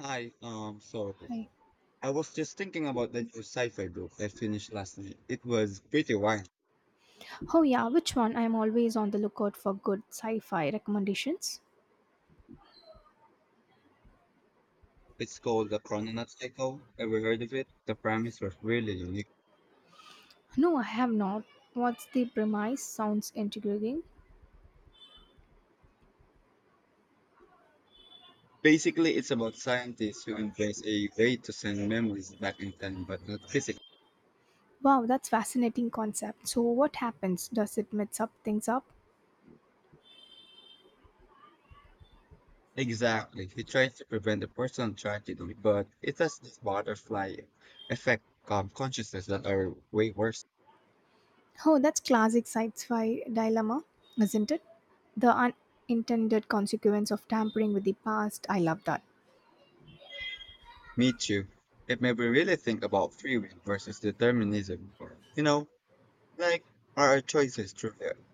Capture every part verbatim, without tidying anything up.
Hi, um, so Hi. I was just thinking about the new sci-fi book I finished last night. It was pretty wild. Oh yeah, which one? I'm always on the lookout for good sci-fi recommendations. It's called The Chrononaut Cycle. Ever heard of it? The premise was really unique. No, I have not. What's the premise? Sounds intriguing. Basically, it's about scientists who embrace a way to send memories back in time, but not physically. Wow, that's fascinating concept. So what happens? Does it mix up things up? Exactly. He tries to prevent a personal tragedy, but it has this butterfly effect um, consciousness that are way worse. Oh, that's classic sci-fi dilemma, isn't it? The unintended consequence of tampering with the past. I love that. Me too. It made me really think about free will versus determinism. You know, like, are our choices through ours.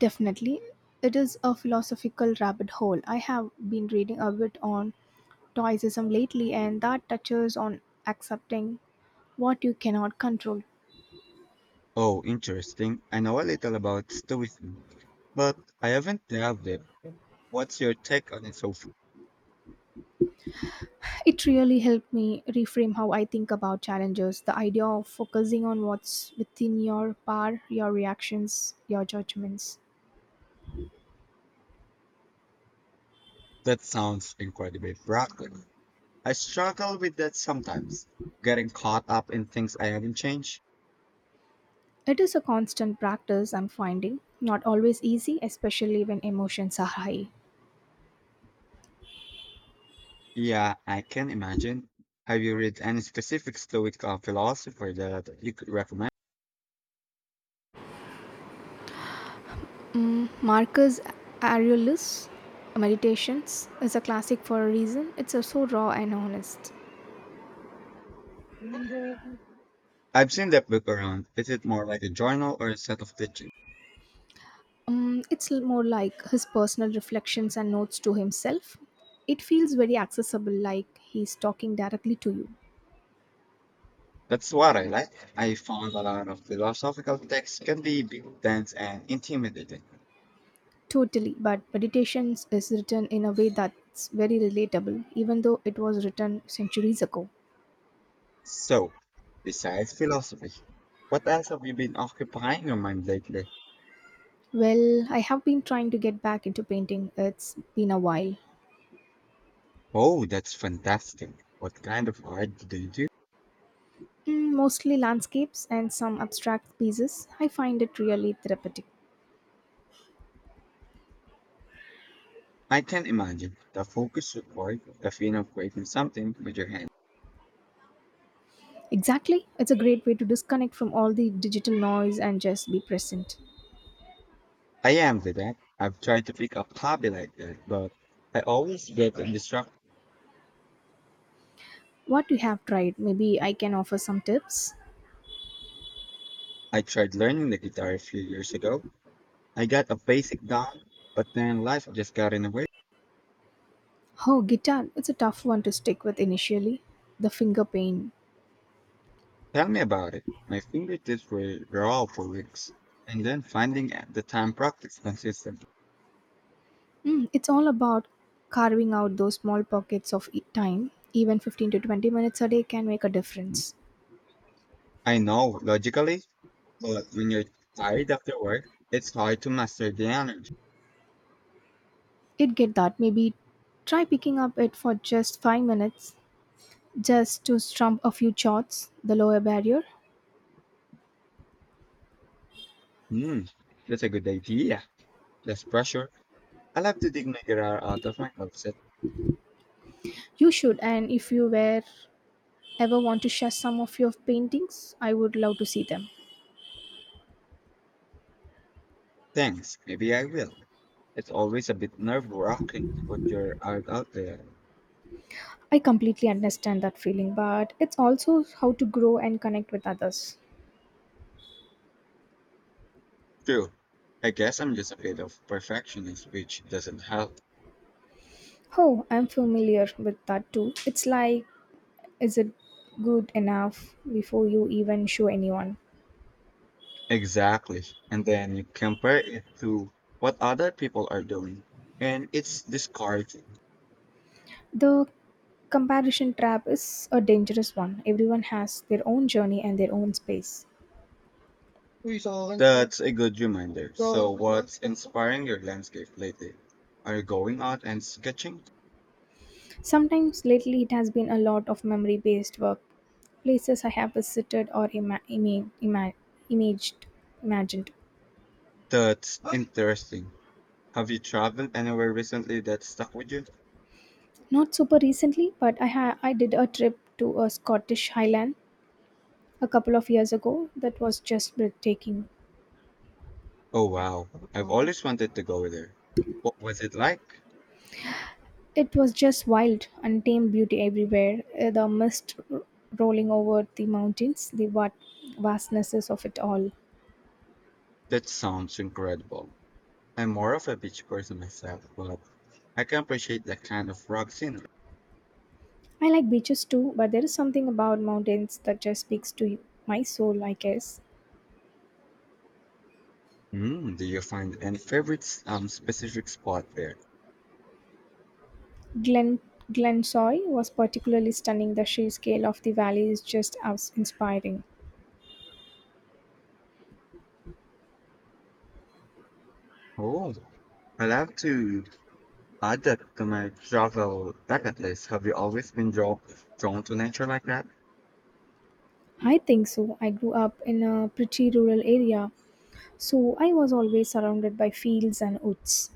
Definitely. It is a philosophical rabbit hole. I have been reading a bit on toicism lately and that touches on accepting what you cannot control. Oh, interesting. I know a little about Stoicism, but I haven't delved it. What's your take on it so far? It really helped me reframe how I think about challenges. The idea of focusing on what's within your power, your reactions, your judgments. That sounds incredibly practical. I struggle with that sometimes, getting caught up in things I haven't changed. It is a constant practice I'm finding, not always easy, especially when emotions are high. Yeah, I can imagine. Have you read any specific Stoic uh, philosopher that you could recommend? Marcus Aurelius Meditations is a classic for a reason. It's uh, so raw and honest. I've seen that book around. Is it more like a journal or a set of teachings? Um, it's l- more like his personal reflections and notes to himself. It feels very accessible, like he's talking directly to you. That's what I like. I found a lot of philosophical texts can be a dense and intimidating. Totally, but Meditations is written in a way that's very relatable, even though it was written centuries ago. So, besides philosophy, what else have you been occupying your mind lately? Well, I have been trying to get back into painting, it's been a while. Oh, that's fantastic. What kind of art do you do? Mm, mostly landscapes and some abstract pieces. I find it really therapeutic. I can imagine the focus required, the feeling of creating something with your hand. Exactly, it's a great way to disconnect from all the digital noise and just be present. I am with that. I've tried to pick up hobby like that, but I always get distracted. What you have tried. Maybe I can offer some tips. I tried learning the guitar a few years ago. I got a basic down, but then life just got in the way. Oh, guitar. It's a tough one to stick with initially. The finger pain. Tell me about it. My fingertips were raw for weeks, and then finding at the time practice consistently. Mm, it's all about carving out those small pockets of e- time. Even fifteen to twenty minutes a day can make a difference. I know, logically, but when you're tired after work, it's hard to master the energy. It get that. Maybe try picking up it for just five minutes just to strum a few chords, the lower barrier. Hmm, that's a good idea. Less pressure. I'll have to dig my guitar out of my closet. You should, and if you were ever want to share some of your paintings, I would love to see them. Thanks, maybe I will. It's always a bit nerve-wracking to put your art out there. I completely understand that feeling, but it's also how to grow and connect with others. True. I guess I'm just a bit of perfectionist, which doesn't help. Oh, I'm familiar with that too. It's like, is it good enough before you even show anyone? Exactly. And then you compare it to what other people are doing. And it's discouraging. The comparison trap is a dangerous one. Everyone has their own journey and their own space. That's a good reminder. So, what's inspiring your landscape lately? Are you going out and sketching? Sometimes lately it has been a lot of memory based work, places I have visited or ima- ima- ima- imaged, imagined. That's interesting. Have you traveled anywhere recently that stuck with you? Not super recently, but I ha- I did a trip to a Scottish Highland a couple of years ago that was just breathtaking. Oh, wow. I've always wanted to go there. What was it like? It was just wild, untamed beauty everywhere. uh, The mist r- rolling over the mountains, the va- vastnesses of it all. That sounds incredible. I'm more of a beach person myself, but I can appreciate that kind of rock scenery. I like beaches too, but there is something about mountains that just speaks to my soul, I guess. Mm, do you find any favorites um specific spot there? Glen Glensoy was particularly stunning. The sheer scale of the valley is just as inspiring. Oh, I love to add that to my travel bucket list. Have you always been drawn drawn to nature like that? I think so. I grew up in a pretty rural area, so I was always surrounded by fields and woods.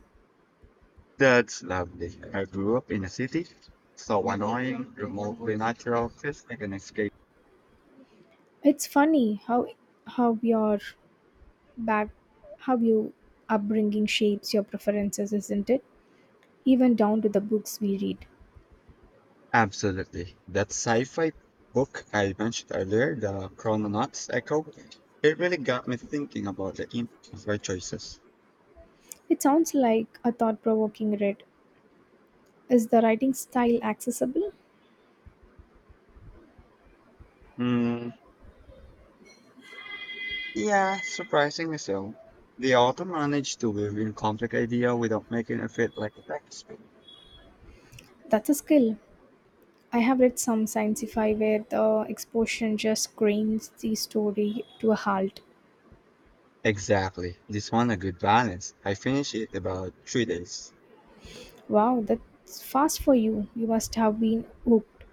That's lovely. I grew up in a city, so annoying, remotely natural feels like an escape. It's funny how how your back how your upbringing shapes your preferences, isn't it? Even down to the books we read. Absolutely. That sci-fi book I mentioned earlier, The Chrononauts Echo, it really got me thinking about the impact of our choices. It sounds like a thought-provoking read. Is the writing style accessible? Hmm. Yeah, surprisingly so. The author managed to weave in complex idea without making it feel like a textbook. That's a skill. I have read some sci-fi where the exposition just grinds the story to a halt. Exactly. This one a good balance. I finished it about three days. Wow, that's fast for you. You must have been hooked.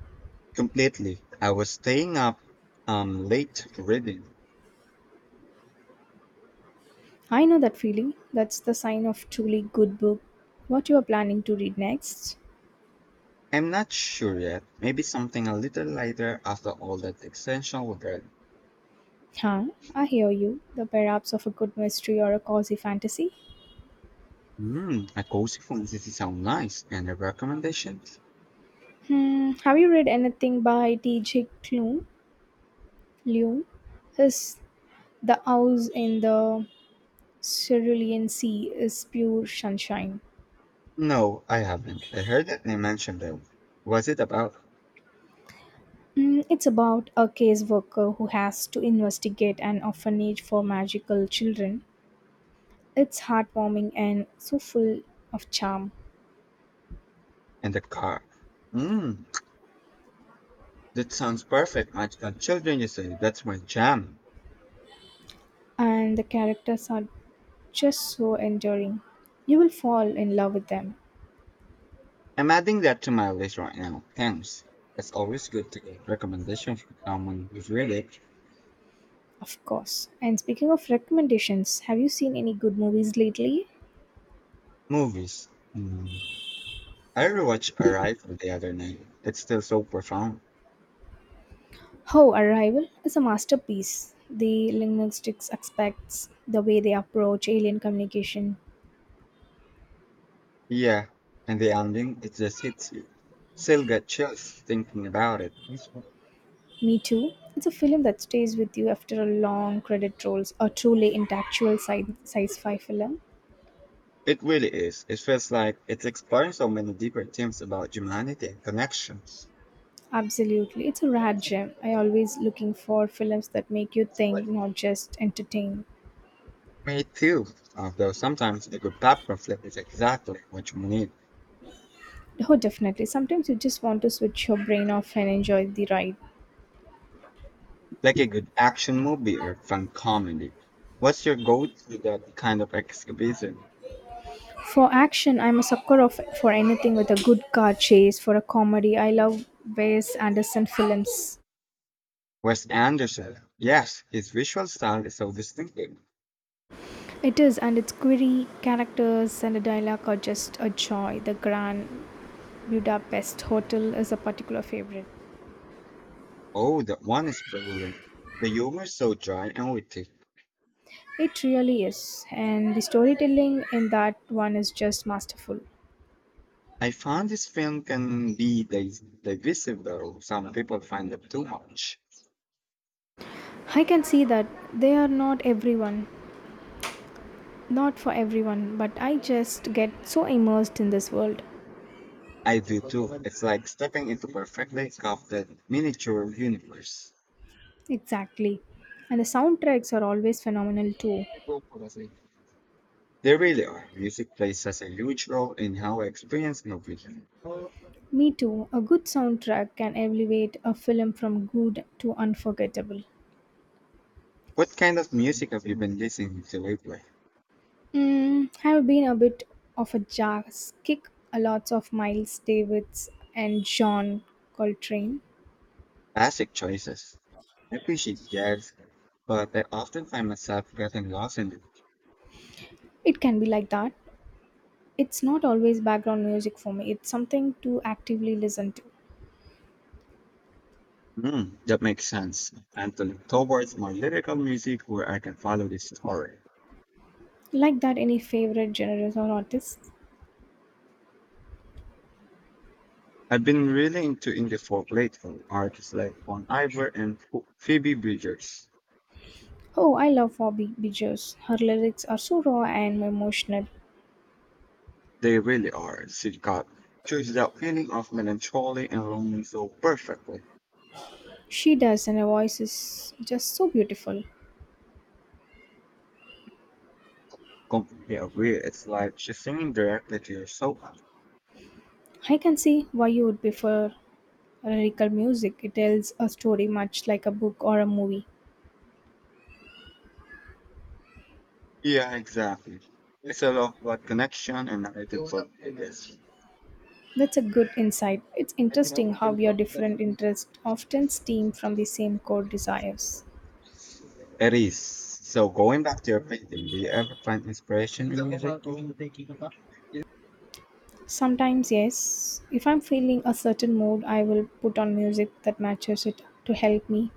Completely. I was staying up um late reading. I know that feeling. That's the sign of truly good book. What you are planning to read next? I'm not sure yet. Maybe something a little lighter after all that extension we read. Huh, I hear you. The perhaps of a good mystery or a cozy fantasy. Hmm, a cozy fantasy sound nice. Any recommendations? Hmm, have you read anything by T J. Klune? Lune? His The House in the Cerulean Sea is pure sunshine. No, I haven't. I heard that they mentioned them. Was it about Mm, it's about a caseworker who has to investigate an orphanage for magical children. It's heartwarming and so full of charm, in the car? Hmm. That sounds perfect, magical children, you say. That's my jam. and the characters are just so enduring. You will fall in love with them, I'm adding that to my list right now. Thanks. It's always good to get recommendations from someone who's really of course. And speaking of recommendations, have you seen any good movies lately? movies. Hmm. I rewatched Arrival the other night. It's still so profound. Oh, Arrival is a masterpiece. The linguistics aspects, the way they approach alien communication. Yeah, and the ending, it just hits you. Still get chills thinking about it. Me too. It's a film that stays with you after a long credit rolls, a truly intellectual sci- sci-fi film. It really is. It feels like it's exploring so many deeper themes about humanity and connections. Absolutely. It's a rare gem. I always looking for films that make you think, not just entertain. Me too. Although sometimes a good popcorn flip is exactly what you need, Oh, definitely. Sometimes you just want to switch your brain off and enjoy the ride. like a good action movie or fun comedy. What's your go-to that kind of exhibition? For action, I'm a sucker of for anything with a good car chase. For a comedy, I love Wes Anderson films. Wes Anderson. Yes, his visual style is so distinctive. It is, and its quirky characters and the dialogue are just a joy. The Grand Budapest Hotel is a particular favorite. Oh, that one is brilliant. The humor is so dry and witty. It really is, and the storytelling in that one is just masterful. I found this film can be dis- divisive though. Some people find it too much. I can see that they are not everyone, not for everyone, but I just get so immersed in this world. I do too. It's like stepping into perfectly crafted miniature universe. Exactly. And the soundtracks are always phenomenal too. They really are. Music plays such a huge role in how I experience movies. Me too. A good soundtrack can elevate a film from good to unforgettable. What kind of music have you been listening to lately? Mm, I've been a bit of a jazz kick. A lots of Miles Davis and John Coltrane. Classic choices. I appreciate jazz, but I often find myself getting lost in it. It can be like that. It's not always background music for me. It's something to actively listen to. Hmm, that makes sense. And to look towards more lyrical music where I can follow the story. Like that, any favorite genres or artists? I've been really into indie folk lately, artists like Bon Iver and Pho- Phoebe Bridgers. Oh, I love Bobby Bijos. Her lyrics are so raw and emotional. They really are. She got chooses that feeling of melancholy and longing so perfectly. She does, and her voice is just so beautiful. Completely agree. It's like she's singing directly to your soul. I can see why you would prefer lyrical music. It tells a story much like a book or a movie. Yeah, exactly. It's a lot about connection and narrative for this. That's a good insight. It's interesting how your different interests often stem from the same core desires. It is. So going back to your painting, do you ever find inspiration in music? Sometimes, yes, if I'm feeling a certain mood, I will put on music that matches it to help me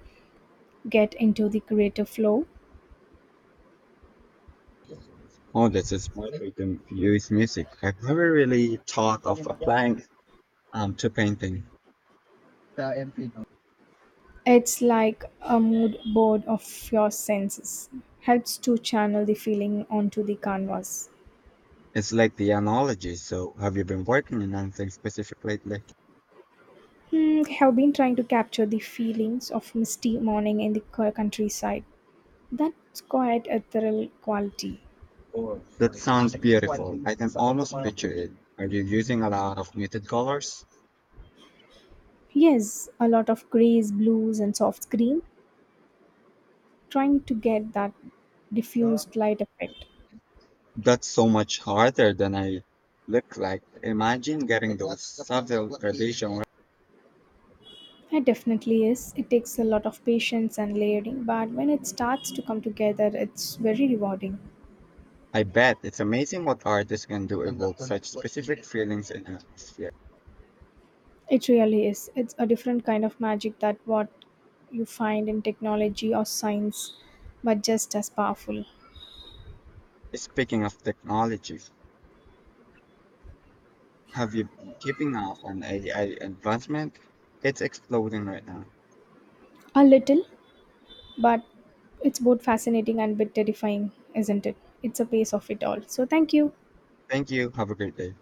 get into the creative flow. Oh, this is my freedom to use music. I've never really thought of applying um to painting. It's like a mood board of your senses. Helps to channel the feeling onto the canvas. It's like the analogy. So have you been working on anything specific lately? Hmm, have been trying to capture the feelings of misty morning in the co- countryside. That's quite a thrill quality. That sounds beautiful. I can almost picture it. Are you using a lot of muted colors? Yes, a lot of grays, blues, and soft green. Trying to get that diffused light effect. That's so much harder than I look like. Imagine getting those subtle gradations. Right. It definitely is. It takes a lot of patience and layering, but when it starts to come together, it's very rewarding. I bet it's amazing what artists can do evoke such specific feelings and atmosphere. It really is. It's a different kind of magic that what you find in technology or science, but just as powerful. Speaking of technology, have you been keeping up on A I advancement? It's exploding right now. A little, but it's both fascinating and bit terrifying, isn't it? It's a piece of it all. So thank you. Thank you. Have a great day.